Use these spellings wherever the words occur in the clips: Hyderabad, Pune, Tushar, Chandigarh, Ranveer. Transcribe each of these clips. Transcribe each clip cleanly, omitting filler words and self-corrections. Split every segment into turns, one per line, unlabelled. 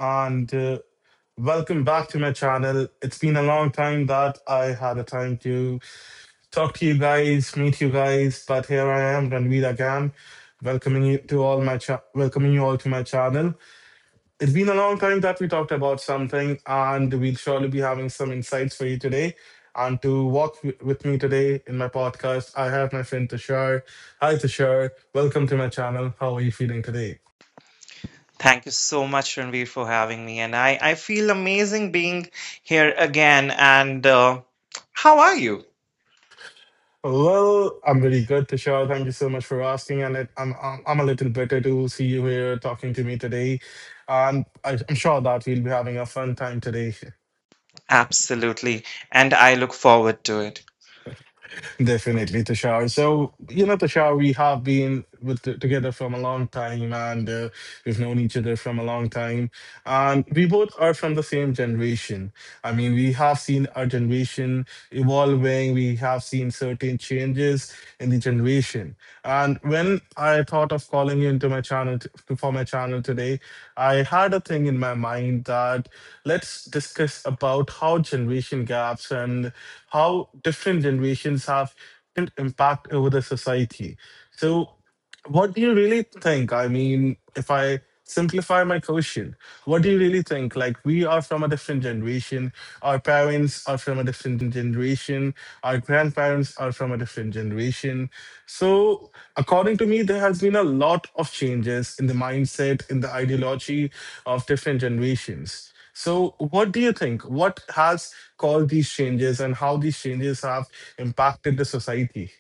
and welcome back to my channel. It's been a long time that I had a time to talk to you guys, meet you guys, but here I am, Ranveer again, welcoming you to all welcoming you all to my channel. It's been a long time that we talked about something, and we'll surely be having some insights for you today. And to walk with me today in my podcast, I have my friend Tushar. Hi, Tushar. Welcome to my channel. How are you feeling today?
Thank you so much, Ranveer, for having me. And I feel amazing being here again. And how are you?
Well, I'm very good, Tushar. Thank you so much for asking, and it, I'm a little better to see you here talking to me today, and I'm sure that we'll be having a fun time today,
Absolutely. And I look forward to it.
definitely, Tushar. So Tushar, we have been with together from a long time, and we've known each other from a long time, and we both are from the same generation. I mean, we have seen our generation evolving. We have seen certain changes in the generation. And when I thought of calling you into my channel for my channel today, I had a thing in my mind that let's discuss about how generation gaps and how different generations have different impact over the society. So what do you really think? I mean, if I simplify my question, what do you really think? Like, we are from a different generation. Our parents are from a different generation. Our grandparents are from a different generation. So, according to me, there has been a lot of changes in the mindset, in the ideology of different generations. So, what do you think? What has caused these changes and how these changes have impacted the society?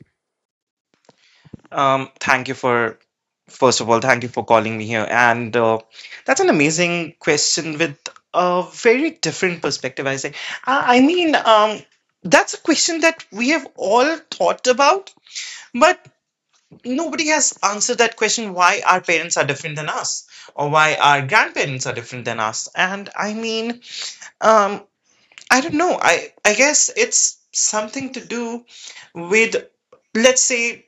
Thank you for, first of all, thank you for calling me here. And that's an amazing question with a very different perspective, I say. I, I mean, um, that's a question that we have all thought about, but nobody has answered that question. Why our parents are different than us or why our grandparents are different than us? And i mean um I don't know, I guess it's something to do with, let's say,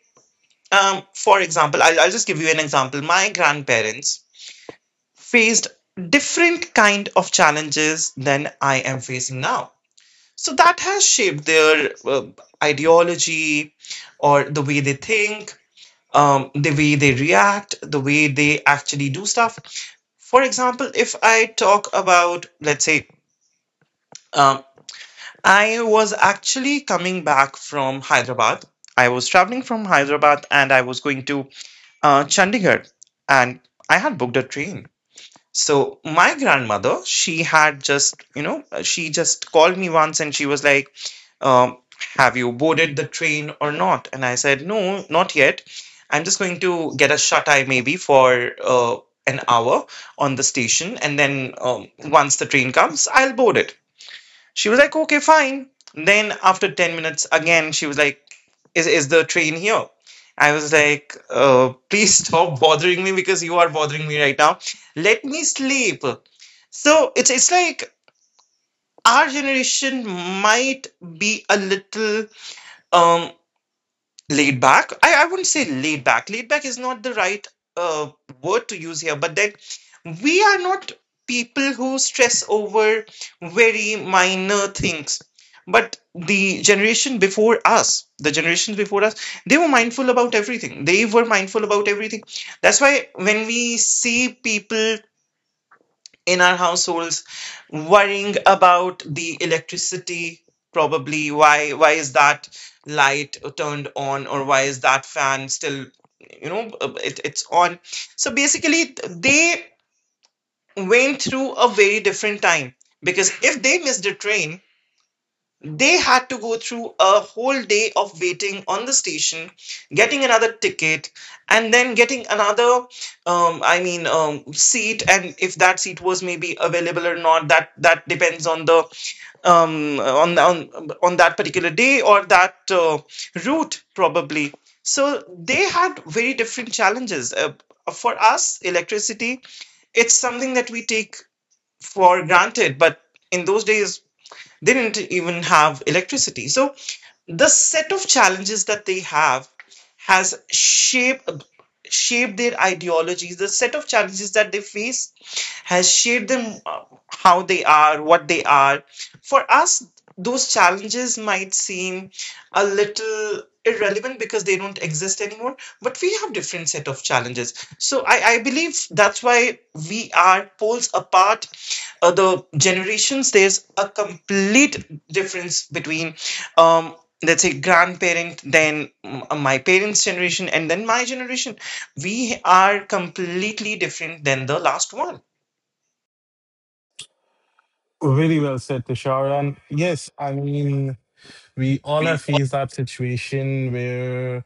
for example, I'll just give you an example. My grandparents faced different kind of challenges than I am facing now, so that has shaped their ideology or the way they think, the way they react, the way they actually do stuff. For example, if I talk about, let's say, um, I was actually coming back from Hyderabad. I was traveling from Hyderabad and I was going to Chandigarh, and I had booked a train. So my grandmother, she had just, you know, she just called me once and she was like, um, have you boarded the train or not? And I said, no, not yet. I'm just going to get a shut eye maybe for an hour on the station. And then once the train comes, I'll board it. She was like, okay, fine. Then after 10 minutes, again, she was like, is the train here? I was like, please stop bothering me because you are bothering me right now. Let me sleep. So it's like our generation might be a little um. laid back. I wouldn't say laid back, laid back is not the right uh, word to use here, but then we are not people who stress over very minor things. But the generation before us, the generations before us, they were mindful about everything. They were mindful about everything. That's why when we see people in our households worrying about the electricity, probably, why is that light turned on or why is that fan still, you know, it's on. So basically, they went through a very different time because if they missed a train, they had to go through a whole day of waiting on the station, getting another ticket, and then getting another, seat. And if that seat was maybe available or not, that depends on the on on that particular day or that route, probably. So they had very different challenges. For us, electricity, it's something that we take for granted, but in those days they didn't even have electricity. So the set of challenges that they have has shaped their ideologies. The set of challenges that they face has shaped them, how they are, what they are. For us, those challenges might seem a little irrelevant because they don't exist anymore, but we have different set of challenges. So I believe that's why we are poles apart. The generations, there's a complete difference between, um, let's say, grandparent, then my parents' generation, and then my generation. We are completely different than the last one.
Very well said, Tushar. And yes, I mean, we all have faced that situation where,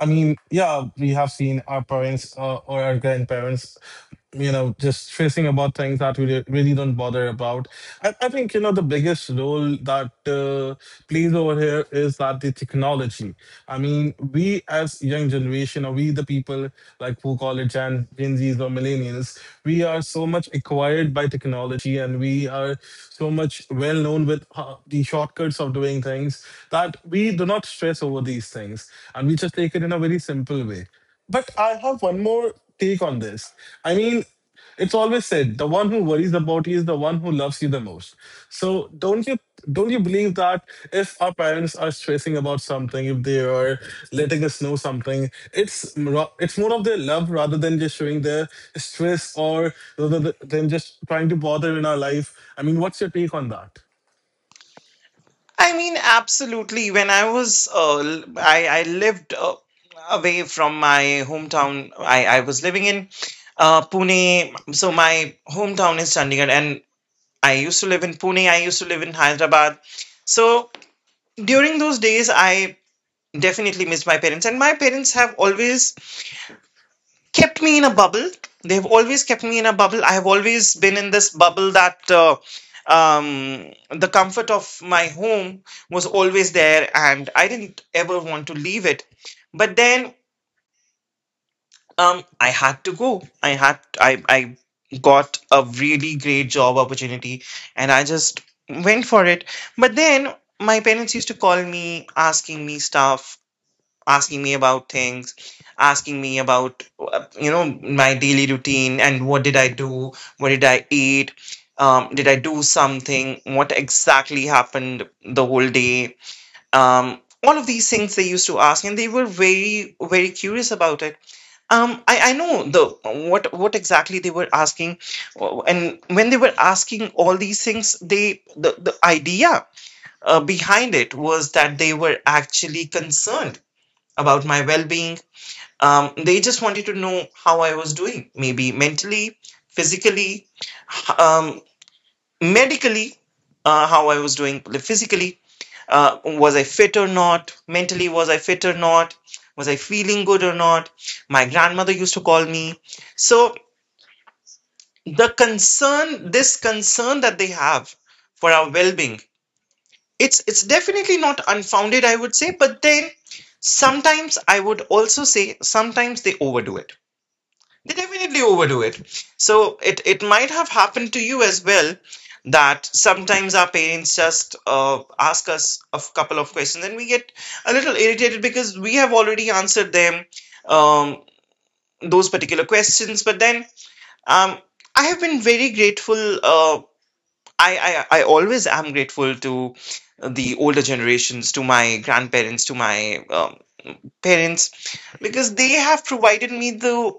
I mean, yeah, we have seen our parents or our grandparents just stressing about things that we really don't bother about. I think, the biggest role that plays over here is that the technology. I mean, we as young generation, or we the people like who call it Gen Zs or millennials, we are so much acquired by technology and we are so much well known with the shortcuts of doing things that we do not stress over these things. And we just take it in a very simple way. But I have one more take on this. I mean, it's always said the one who worries about you is the one who loves you the most. So don't you believe that if our parents are stressing about something, if they are letting us know something, it's more of their love rather than just showing their stress or rather than just trying to bother in our life. I mean, what's your take on that?
I mean, absolutely. When I was l- I lived away from my hometown, I was living in Pune. So my hometown is Chandigarh, and I used to live in Pune, I used to live in Hyderabad. So during those days I definitely missed my parents, and my parents have always kept me in a bubble. They've always kept me in a bubble. I have always been in this bubble that the comfort of my home was always there, and I didn't ever want to leave it. But then I had to go. I had I got a really great job opportunity, and I just went for it. But then my parents used to call me, asking me stuff, asking me about things, asking me about, you know, my daily routine and what did I do, what did I eat, did I do something, what exactly happened the whole day, um, all of these things they used to ask, and they were very, very curious about it. I know the what exactly they were asking, and when they were asking all these things, the idea behind it was that they were actually concerned about my well-being. They just wanted to know how I was doing, maybe mentally, physically, um, medically. How I was doing, like, physically. Was I fit or not? Mentally, was I fit or not? Was I feeling good or not? My grandmother used to call me. So the concern, this concern that they have for our well-being, it's definitely not unfounded, I would say. But then sometimes I would also say sometimes they overdo it. They definitely overdo it. So it might have happened to you as well that sometimes our parents just ask us a couple of questions and we get a little irritated because we have already answered them um, those particular questions. But then um, I have been very grateful. Uh, I, I i always am grateful to the older generations, to my grandparents, to my parents, because they have provided me the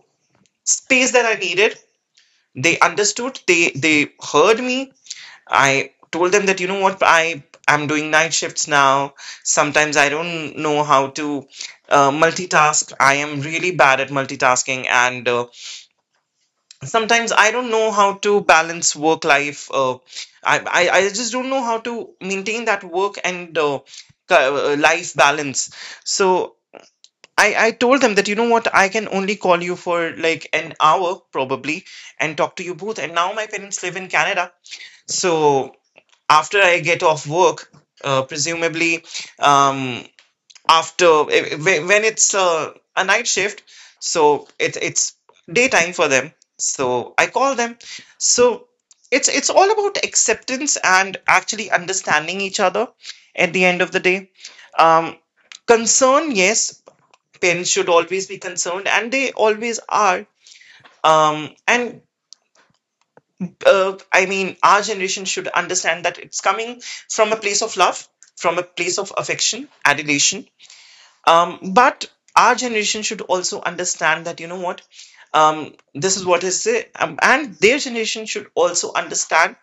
space that I needed. They understood. They heard me. I told them that, you know what, I am doing night shifts now, sometimes I don't know how to multitask, I am really bad at multitasking, and sometimes I don't know how to balance work life. I just don't know how to maintain that work and life balance. So I told them that, you know what, I can only call you for like an hour probably and talk to you both. And now my parents live in Canada, so after I get off work, presumably, um, after eh, eh, whe- when it's a night shift, so it's daytime for them, so I call them. So it's all about acceptance and actually understanding each other at the end of the day. um, Concern, yes, parents should always be concerned, and they always are. And I mean, our generation should understand that it's coming from a place of love, from a place of affection, adulation. But our generation should also understand that, you know what, this is what is it. And their generation should also understand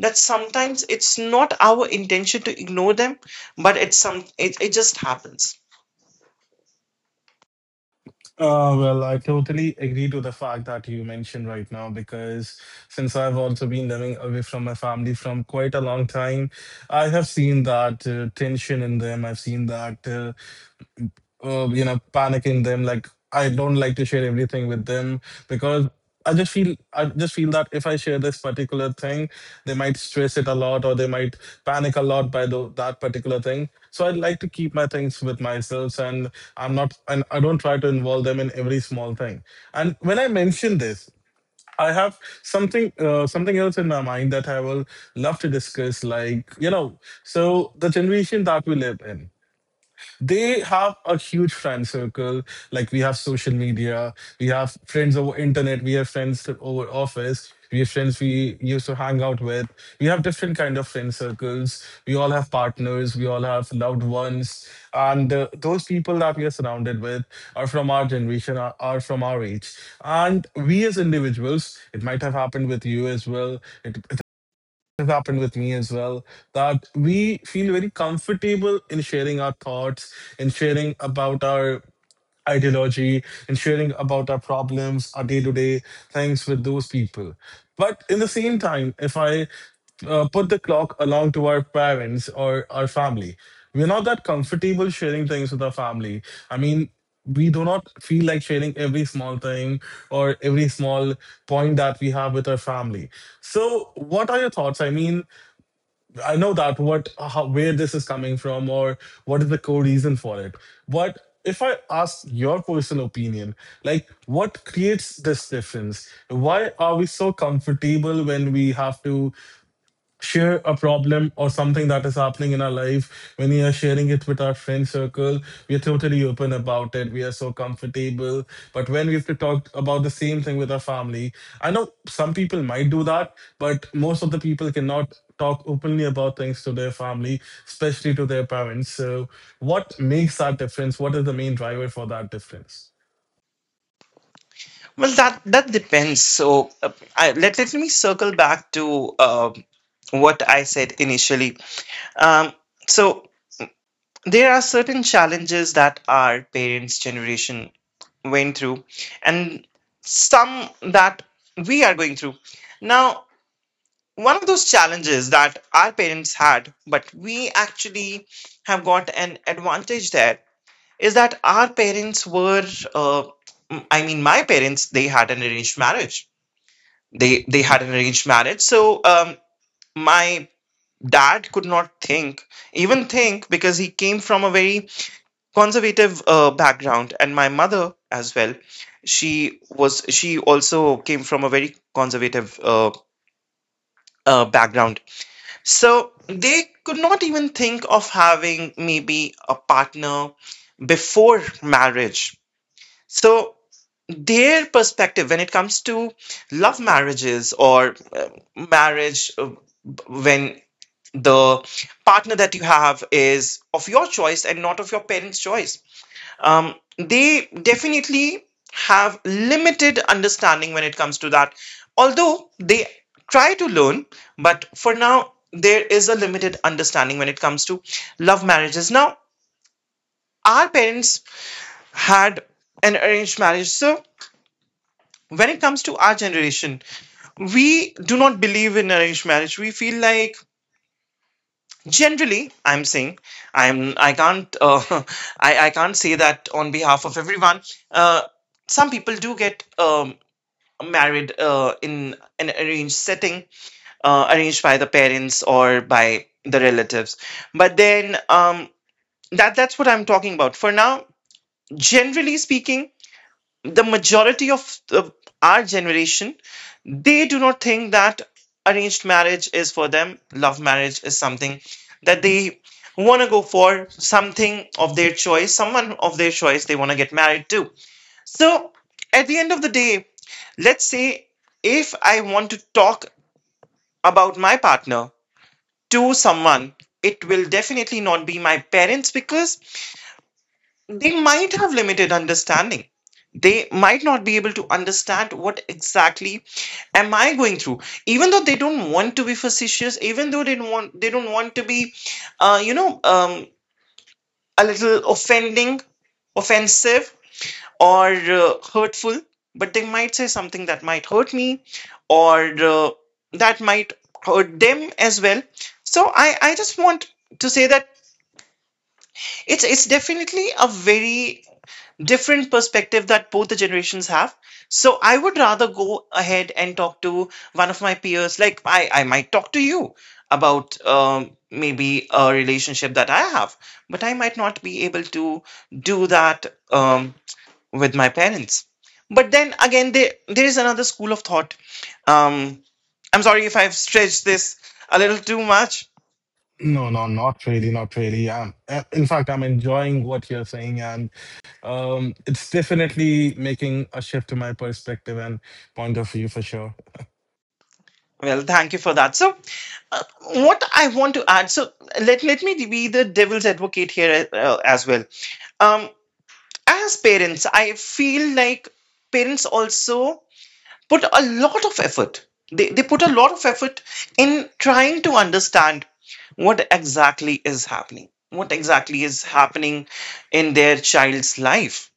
that sometimes it's not our intention to ignore them, but it just happens.
Well, I totally agree to the fact that you mentioned right now because since I've also been living away from my family from quite a long time, I have seen that tension in them. I've seen that panicking them, like I don't like to share everything with them because I just feel that if I share this particular thing, they might stress it a lot or they might panic a lot by that particular thing. So I like to keep my things with myself, and I'm not and I don't try to involve them in every small thing. And when I mention this, I have something else in my mind that I will love to discuss. Like, so the generation that we live in, they have a huge friend circle. Like, we have social media, we have friends over internet, we have friends over office, we have friends we used to hang out with, we have different kind of friend circles, we all have partners, we all have loved ones, and those people that we are surrounded with are from our generation, are from our age. And we as individuals, it might have happened with you as well, it has happened with me as well, that we feel very comfortable in sharing our thoughts, in sharing about our ideology and sharing about our problems, our day to day things with those people. But in the same time, if I put the clock along to our parents or our family, we're not that comfortable sharing things with our family. I mean, we do not feel like sharing every small thing or every small point that we have with our family. So, what are your thoughts? I mean, I know that where this is coming from or what is the core reason for it. But if I ask your personal opinion, like, what creates this difference? Why are we so comfortable when we have to share a problem or something that is happening in our life? When we are sharing it with our friend circle, we are totally open about it, we are so comfortable. But when we have to talk about the same thing with our family, I know some people might do that, but most of the people cannot talk openly about things to their family, especially to their parents. So what makes that difference? What is the main driver for that difference?
Well, that depends. So let let me circle back to what I said initially. Um, so there are certain challenges that our parents' generation went through, and some that we are going through now. One of those challenges that our parents had, but we actually have got an advantage there, is that our parents were, uh, my parents, they had an arranged marriage. They had an arranged marriage. So my dad could not think even think, because he came from a very conservative background, and my mother as well, she also came from a very conservative background. So they could not even think of having maybe a partner before marriage. So their perspective when it comes to love marriages, or marriage uh, when the partner that you have is of your choice and not of your parents' choice, they definitely have limited understanding when it comes to that. Although they try to learn, but for now, there is a limited understanding when it comes to love marriages. Now, our parents had an arranged marriage, so when it comes to our generation, we do not believe in arranged marriage. We feel like, generally, I'm saying, I can't I can't say that on behalf of everyone. Uh, some people do get married in an arranged setting, arranged by the parents or by the relatives. But then that that's what I'm talking about. For now, generally speaking, the majority of our generation, they do not think that arranged marriage is for them. Love marriage is something that they want to go for, something of their choice, someone of their choice they want to get married to. So at the end of the day, let's say if I want to talk about my partner to someone, it will definitely not be my parents, because they might have limited understanding. They might not be able to understand what exactly am I going through. Even though they don't want to be facetious, even though they don't want to be, uh, you know, um, a little offensive, or hurtful. But they might say something that might hurt me, or that might hurt them as well. So I just want to say that it's definitely a very different perspective that both the generations have. So I would rather go ahead and talk to one of my peers, like I might talk to you about maybe a relationship that I have, but I might not be able to do that um, with my parents. But then again, there is another school of thought. um, I'm sorry if I've stretched this a little too much.
No, no, not really, not really. In fact, I'm enjoying what you're saying, and it's definitely making a shift to my perspective and point of view for sure.
Well, thank you for that. So, uh, what I want to add, so let me be the devil's advocate here as well. Um, as parents, I feel like parents also put a lot of effort. They put a lot of effort in trying to understand what exactly is happening, what exactly is happening in their child's life.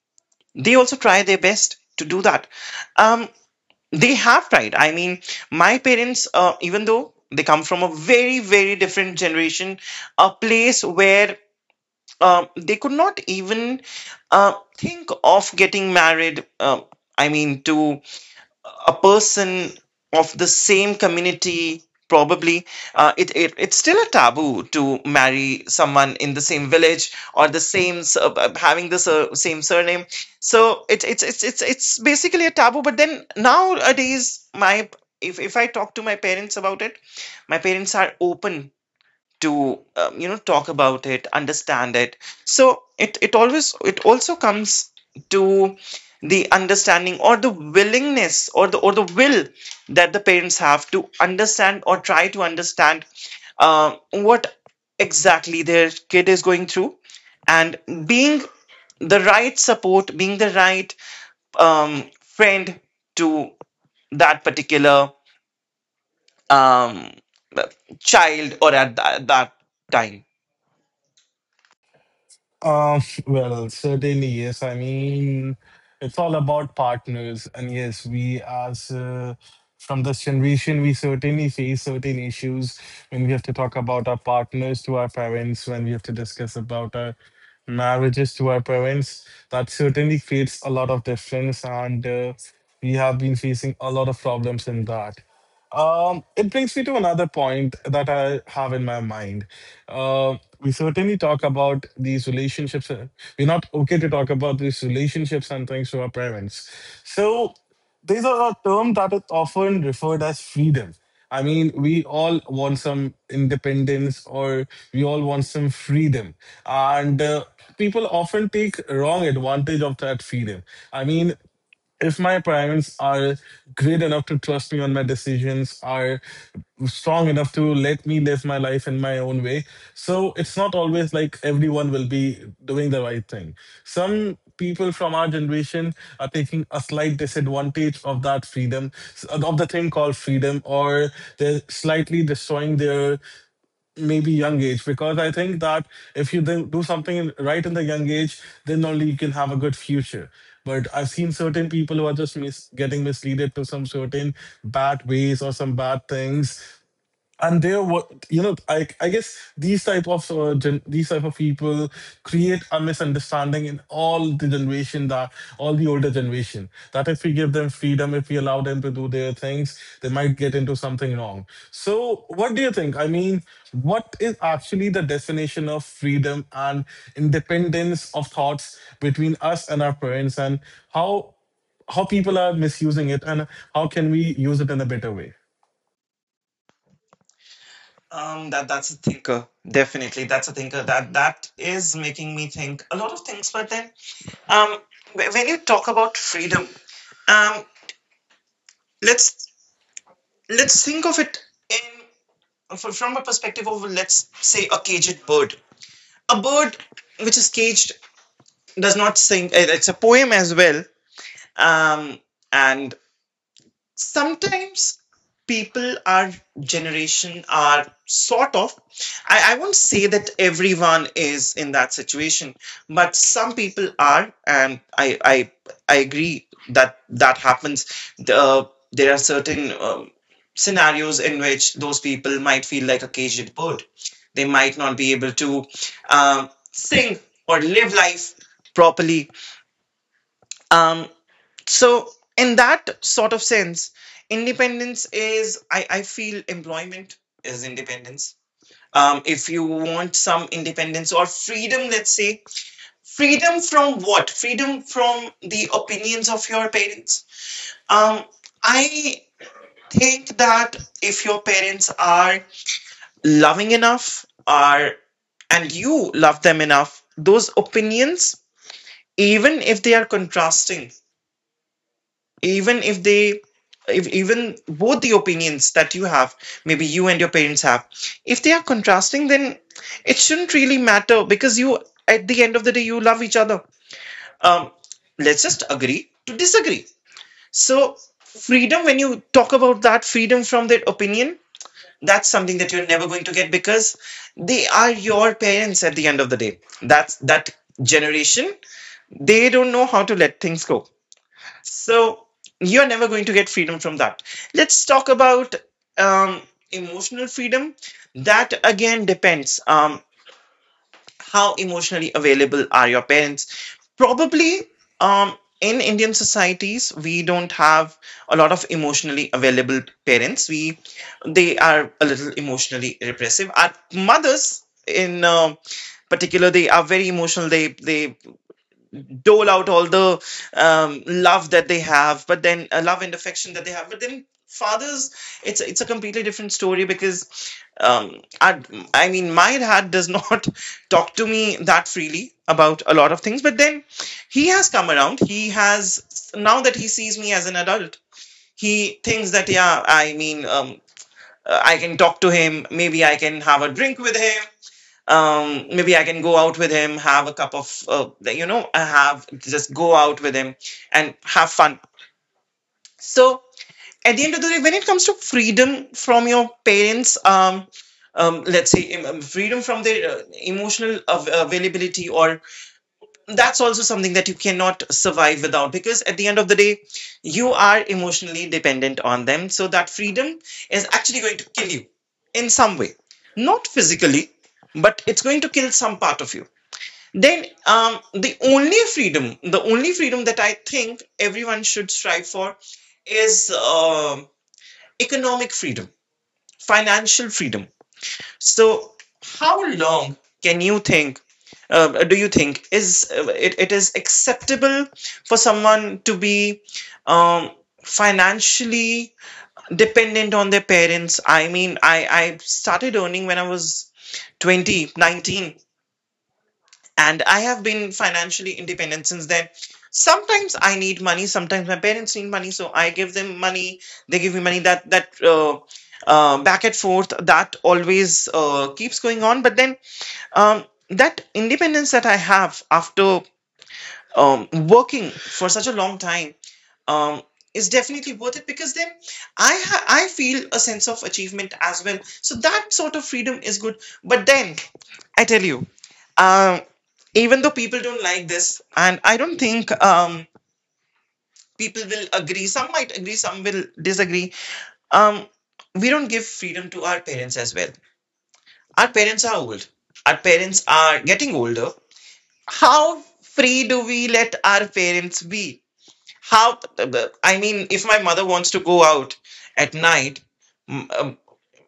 They also try their best to do that. Um, they have tried. I mean, my parents, even though they come from a very, very different generation, a place where they could not even think of getting married. I mean, to a person of the same community, probably, it's still a taboo to marry someone in the same village, or the same having the same surname. So it, it's basically a taboo. But then, nowadays, my if I talk to my parents about it, my parents are open to, talk about it, understand it. So it also comes to the understanding, or the willingness, or the will that the parents have to understand, or try to understand, what exactly their kid is going through, and being the right support, being the right friend to that particular um, child or at that time.
Um, well, certainly, yes. I mean, it's all about partners. And yes, we as from this generation, we certainly face certain issues when we have to talk about our partners to our parents, when we have to discuss about our marriages to our parents. That certainly creates a lot of difference. And we have been facing a lot of problems in that. It brings me to another point that I have in my mind. We certainly talk about these relationships. We're not okay to talk about these relationships and things to our parents. So these are a term that is often referred as freedom. I mean, we all want some independence or we all want some freedom. And people often take wrong advantage of that freedom. I mean, if my parents are great enough to trust me on my decisions, are strong enough to let me live my life in my own way. So it's not always like everyone will be doing the right thing. Some people from our generation are taking a slight disadvantage of that freedom, of the thing called freedom, or they're slightly destroying their maybe young age, because I think that if you then do something right in the young age, then only you can have a good future. But I've seen certain people who are just getting misleaded to some certain bad ways or some bad things, and they're what you know I guess these type of these type of people create a misunderstanding in all the generation, that all the older generation, that if we give them freedom, if we allow them to do their things, they might get into something wrong. So what do you think? I mean, what is actually the definition of freedom and independence of thoughts between us and our parents, and how how people are misusing it, and how can we use it in a better way?
That's a thinker. Definitely, that's a thinker. That is making me think a lot of things. But then, um, when you talk about freedom, um, let's let's think of it in, from a perspective of, let's say, a caged bird. A bird which is caged does not sing. It's a poem as well. Um, and sometimes people, our generation, are sort of, I won't say that everyone is in that situation, but some people are, and I agree that that happens. There are certain scenarios in which those people might feel like a caged bird. They might not be able to sing or live life properly, um, so in that sort of sense, independence is, I feel, employment is independence. If you want some independence or freedom, let's say, freedom from what? Freedom from the opinions of your parents. um, I think that if your parents are loving enough, are and you love them enough, those opinions, even if they are contrasting, even if they if even both the opinions that you have, maybe you and your parents have, if they are contrasting, then it shouldn't really matter, because you, at the end of the day, you love each other. um let's just agree to disagree. So freedom, when you talk about that freedom from their opinion, that's something that you're never going to get, because they are your parents. At the end of the day, that's that generation. They don't know how to let things go, so you're never going to get freedom from that. Let's talk about um, emotional freedom. That again depends, how emotionally available are your parents. Probably, in Indian societies, we don't have a lot of emotionally available parents. We They are a little emotionally repressive. Our mothers, in particular, they are very emotional. They dole out all the love that they have, but then, love and affection that they have. But then, fathers, it's a completely different story, because um, I, I mean, my dad does not talk to me that freely about a lot of things, but then he has come around. He has Now that he sees me as an adult, he thinks that, yeah, I mean, I can talk to him. Maybe I can have a drink with him. Maybe I can go out with him, have a cup of, I have just go out with him and have fun. So at the end of the day, when it comes to freedom from your parents, let's say, freedom from their emotional availability, or that's also something that you cannot survive without, because at the end of the day, you are emotionally dependent on them. So that freedom is actually going to kill you in some way, not physically, but it's going to kill some part of you. Then, the only freedom that I think everyone should strive for is economic freedom, financial freedom. So how long can you think do you think is, it is acceptable for someone to be um, financially dependent on their parents? I mean, I started earning when I was 20, 19. And I have been financially independent since then. Sometimes I need money, sometimes my parents need money, so I give them money. They give me money. That back and forth that always keeps going on. But then, um, that independence that I have, after working for such a long time, um, is definitely worth it, because then I feel a sense of achievement as well. So that sort of freedom is good. But then, I tell you, um, even though people don't like this, and I don't think people will agree. Some might agree, some will disagree. Um, we don't give freedom to our parents as well. Our parents are old. Our parents are getting older. How free do we let our parents be? How? I mean, if my mother wants to go out at night, mm, um,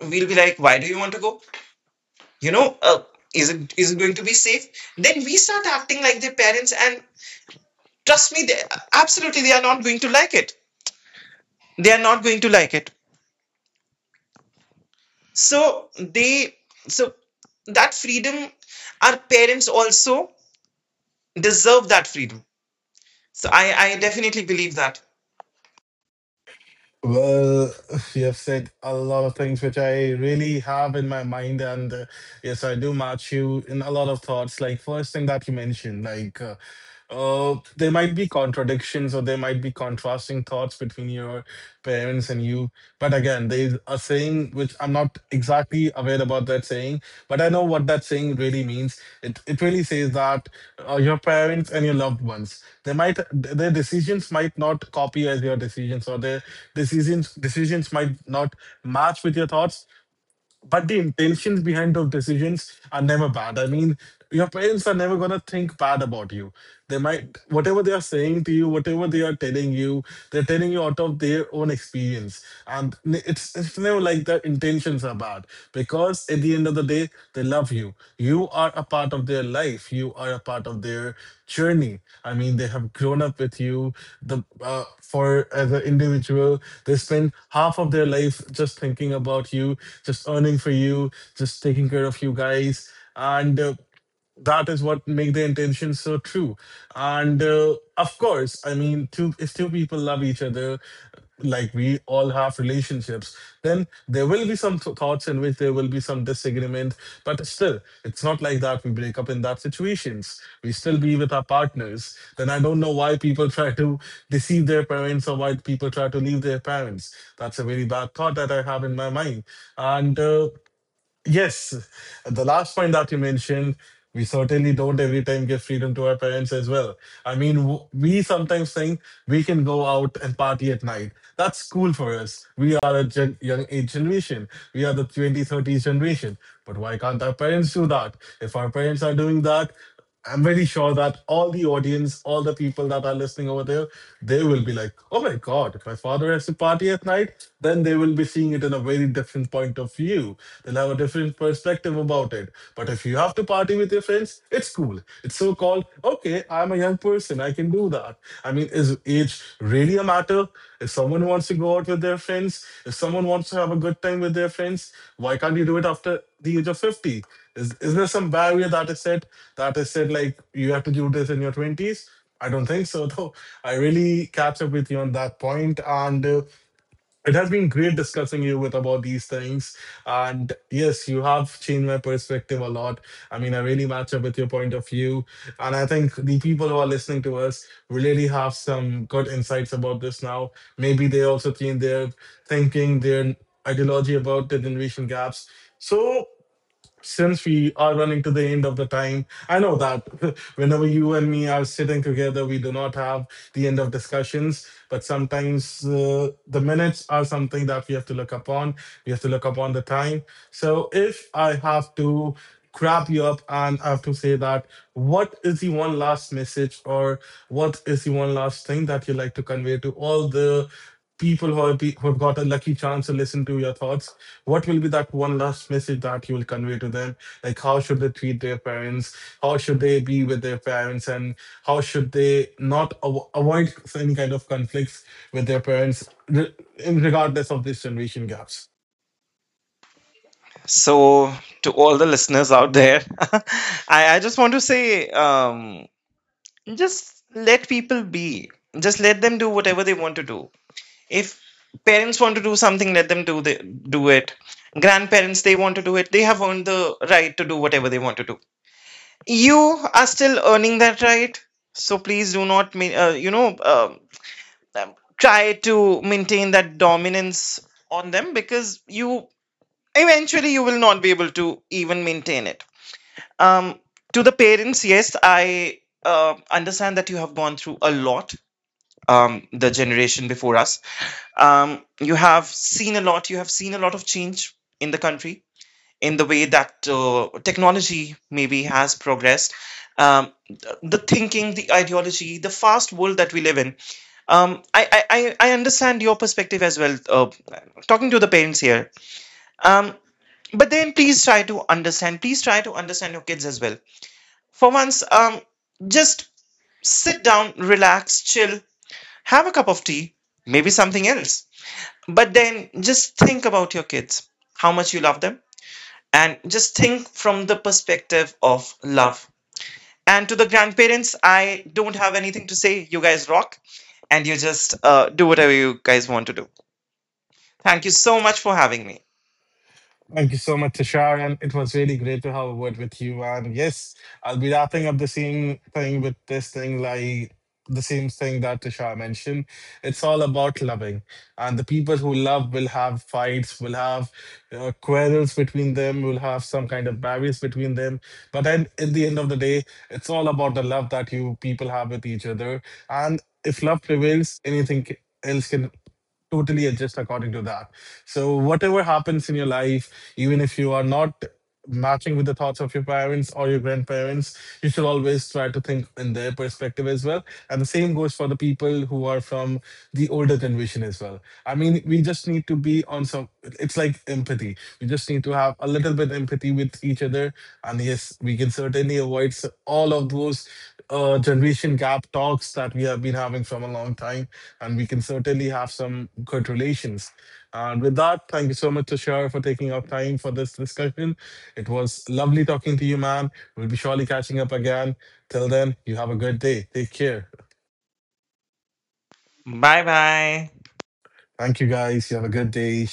we'll be like, "Why do you want to go? You know, uh, is it going to be safe?" Then we start acting like their parents, and trust me, they absolutely, they are not going to like it. They are not going to like it. So they so that freedom, our parents also deserve that freedom. So I definitely believe that.
Well, you have said a lot of things which I really have in my mind, and yes, I do match you in a lot of thoughts. Like, first thing that you mentioned, like, there might be contradictions or there might be contrasting thoughts between your parents and you. But again, Zen. There's a saying which I'm not exactly aware about that saying, but I know what that saying really means. It really says that your parents and your loved ones, they might their decisions might not copy as your decisions, or their decisions might not match with your thoughts, but the intentions behind those decisions are never bad. I mean, your parents are never gonna think bad about you. They might Whatever they are saying to you, whatever they are telling you, they're telling you out of their own experience. And it's never like their intentions are bad, because at the end of the day, they love you. You are a part of their life. You are a part of their journey. I mean, they have grown up with you. The For as an individual, they spend half of their life just thinking about you, just earning for you, just taking care of you guys, and That is what make the intention so true, and of course, I mean, two if two people love each other, like we all have relationships, then there will be some thoughts in which there will be some disagreement. But still, it's not like that we break up in that situations. We still be with our partners. Then I don't know why people try to deceive their parents, or why people try to leave their parents. That's a very bad thought that I have in my mind. And yes, the last point that you mentioned, we certainly don't every time give freedom to our parents as well. I mean, we sometimes think we can go out and party at night. That's cool for us. We are a young age generation. We are 20s-30s generation. But why can't our parents do that? If our parents are doing that, I'm very sure that all the audience, all the people that are listening over there, they will be like, oh my God, if my father has to party at night, then they will be seeing it in a very different point of view. They'll have a different perspective about it. But if you have to party with your friends, it's cool. It's so called, okay, I'm a young person, I can do that. I mean, is age really a matter? If someone wants to go out with their friends, if someone wants to have a good time with their friends, why can't you do it after the age of 50? Is there some barrier that is set, that is said, like you have to do this in your 20s? I don't think so though. I really catch up with you on that point, and it has been great discussing you with about these things. And yes, you have changed my perspective a lot. I mean, I really match up with your point of view, and I think the people who are listening to us really have some good insights about this now. Maybe they also change their thinking, their ideology about the generation gaps. So since we are running to the end of the time, I know that whenever you and me are sitting together, we do not have the end of discussions. But sometimes the minutes are something that we have to look upon. We have to look upon the time. So if I have to grab you up and I have to say that, what is the one last message, or what is the one last thing that you like to convey to all the people who have got a lucky chance to listen to your thoughts? What will be that one last message that you will convey to them? Like, how should they treat their parents? How should they be with their parents? And how should they not avoid any kind of conflicts with their parents, regardless of these generation gaps?
So, to all the listeners out there, I just want to say, just let people be. Just let them do whatever they want to do. If parents want to do something, let them do it. Grandparents, they want to do it. They have earned the right to do whatever they want to do. You are still earning that right. So, please do not, try to maintain that dominance on them, because you, eventually, you will not be able to even maintain it. Um, to the parents, yes, I understand that you have gone through a lot. The generation before us, you have seen a lot. You have seen a lot of change in the country, in the way that technology maybe has progressed. The thinking, the ideology, the fast world that we live in. I understand your perspective as well. Talking to the parents here. Um, but then, please try to understand. Please try to understand your kids as well, for once. Just sit down, relax, chill, have a cup of tea, maybe something else. But then, just think about your kids, how much you love them, and just think from the perspective of love. And to the grandparents, I don't have anything to say. You guys rock, and you just do whatever you guys want to do. Thank you so much for having me.
Thank you so much, Tashar. And it was really great to have a word with you. And yes, I'll be wrapping up the same thing with this thing, like the same thing that Tashar mentioned. It's all about loving. And the people who love will have fights, will have quarrels between them, will have some kind of barriers between them. But then at the end of the day, it's all about the love that you people have with each other. And if love prevails, anything else can totally adjust according to that. So whatever happens in your life, even if you are not matching with the thoughts of your parents or your grandparents, you should always try to think in their perspective as well. And the same goes for the people who are from the older generation as well. I mean, we just need to be on some, it's like empathy. We just need to have a little bit empathy with each other. And yes, we can certainly avoid all of those generation gap talks that we have been having from a long time, and we can certainly have some good relations. And with that, thank you so much, Tushar, for taking our time for this discussion. It was lovely talking to you, man. We'll be surely catching up again. Till then, you have a good day. Take care.
Bye bye.
Thank you, guys. You have a good day.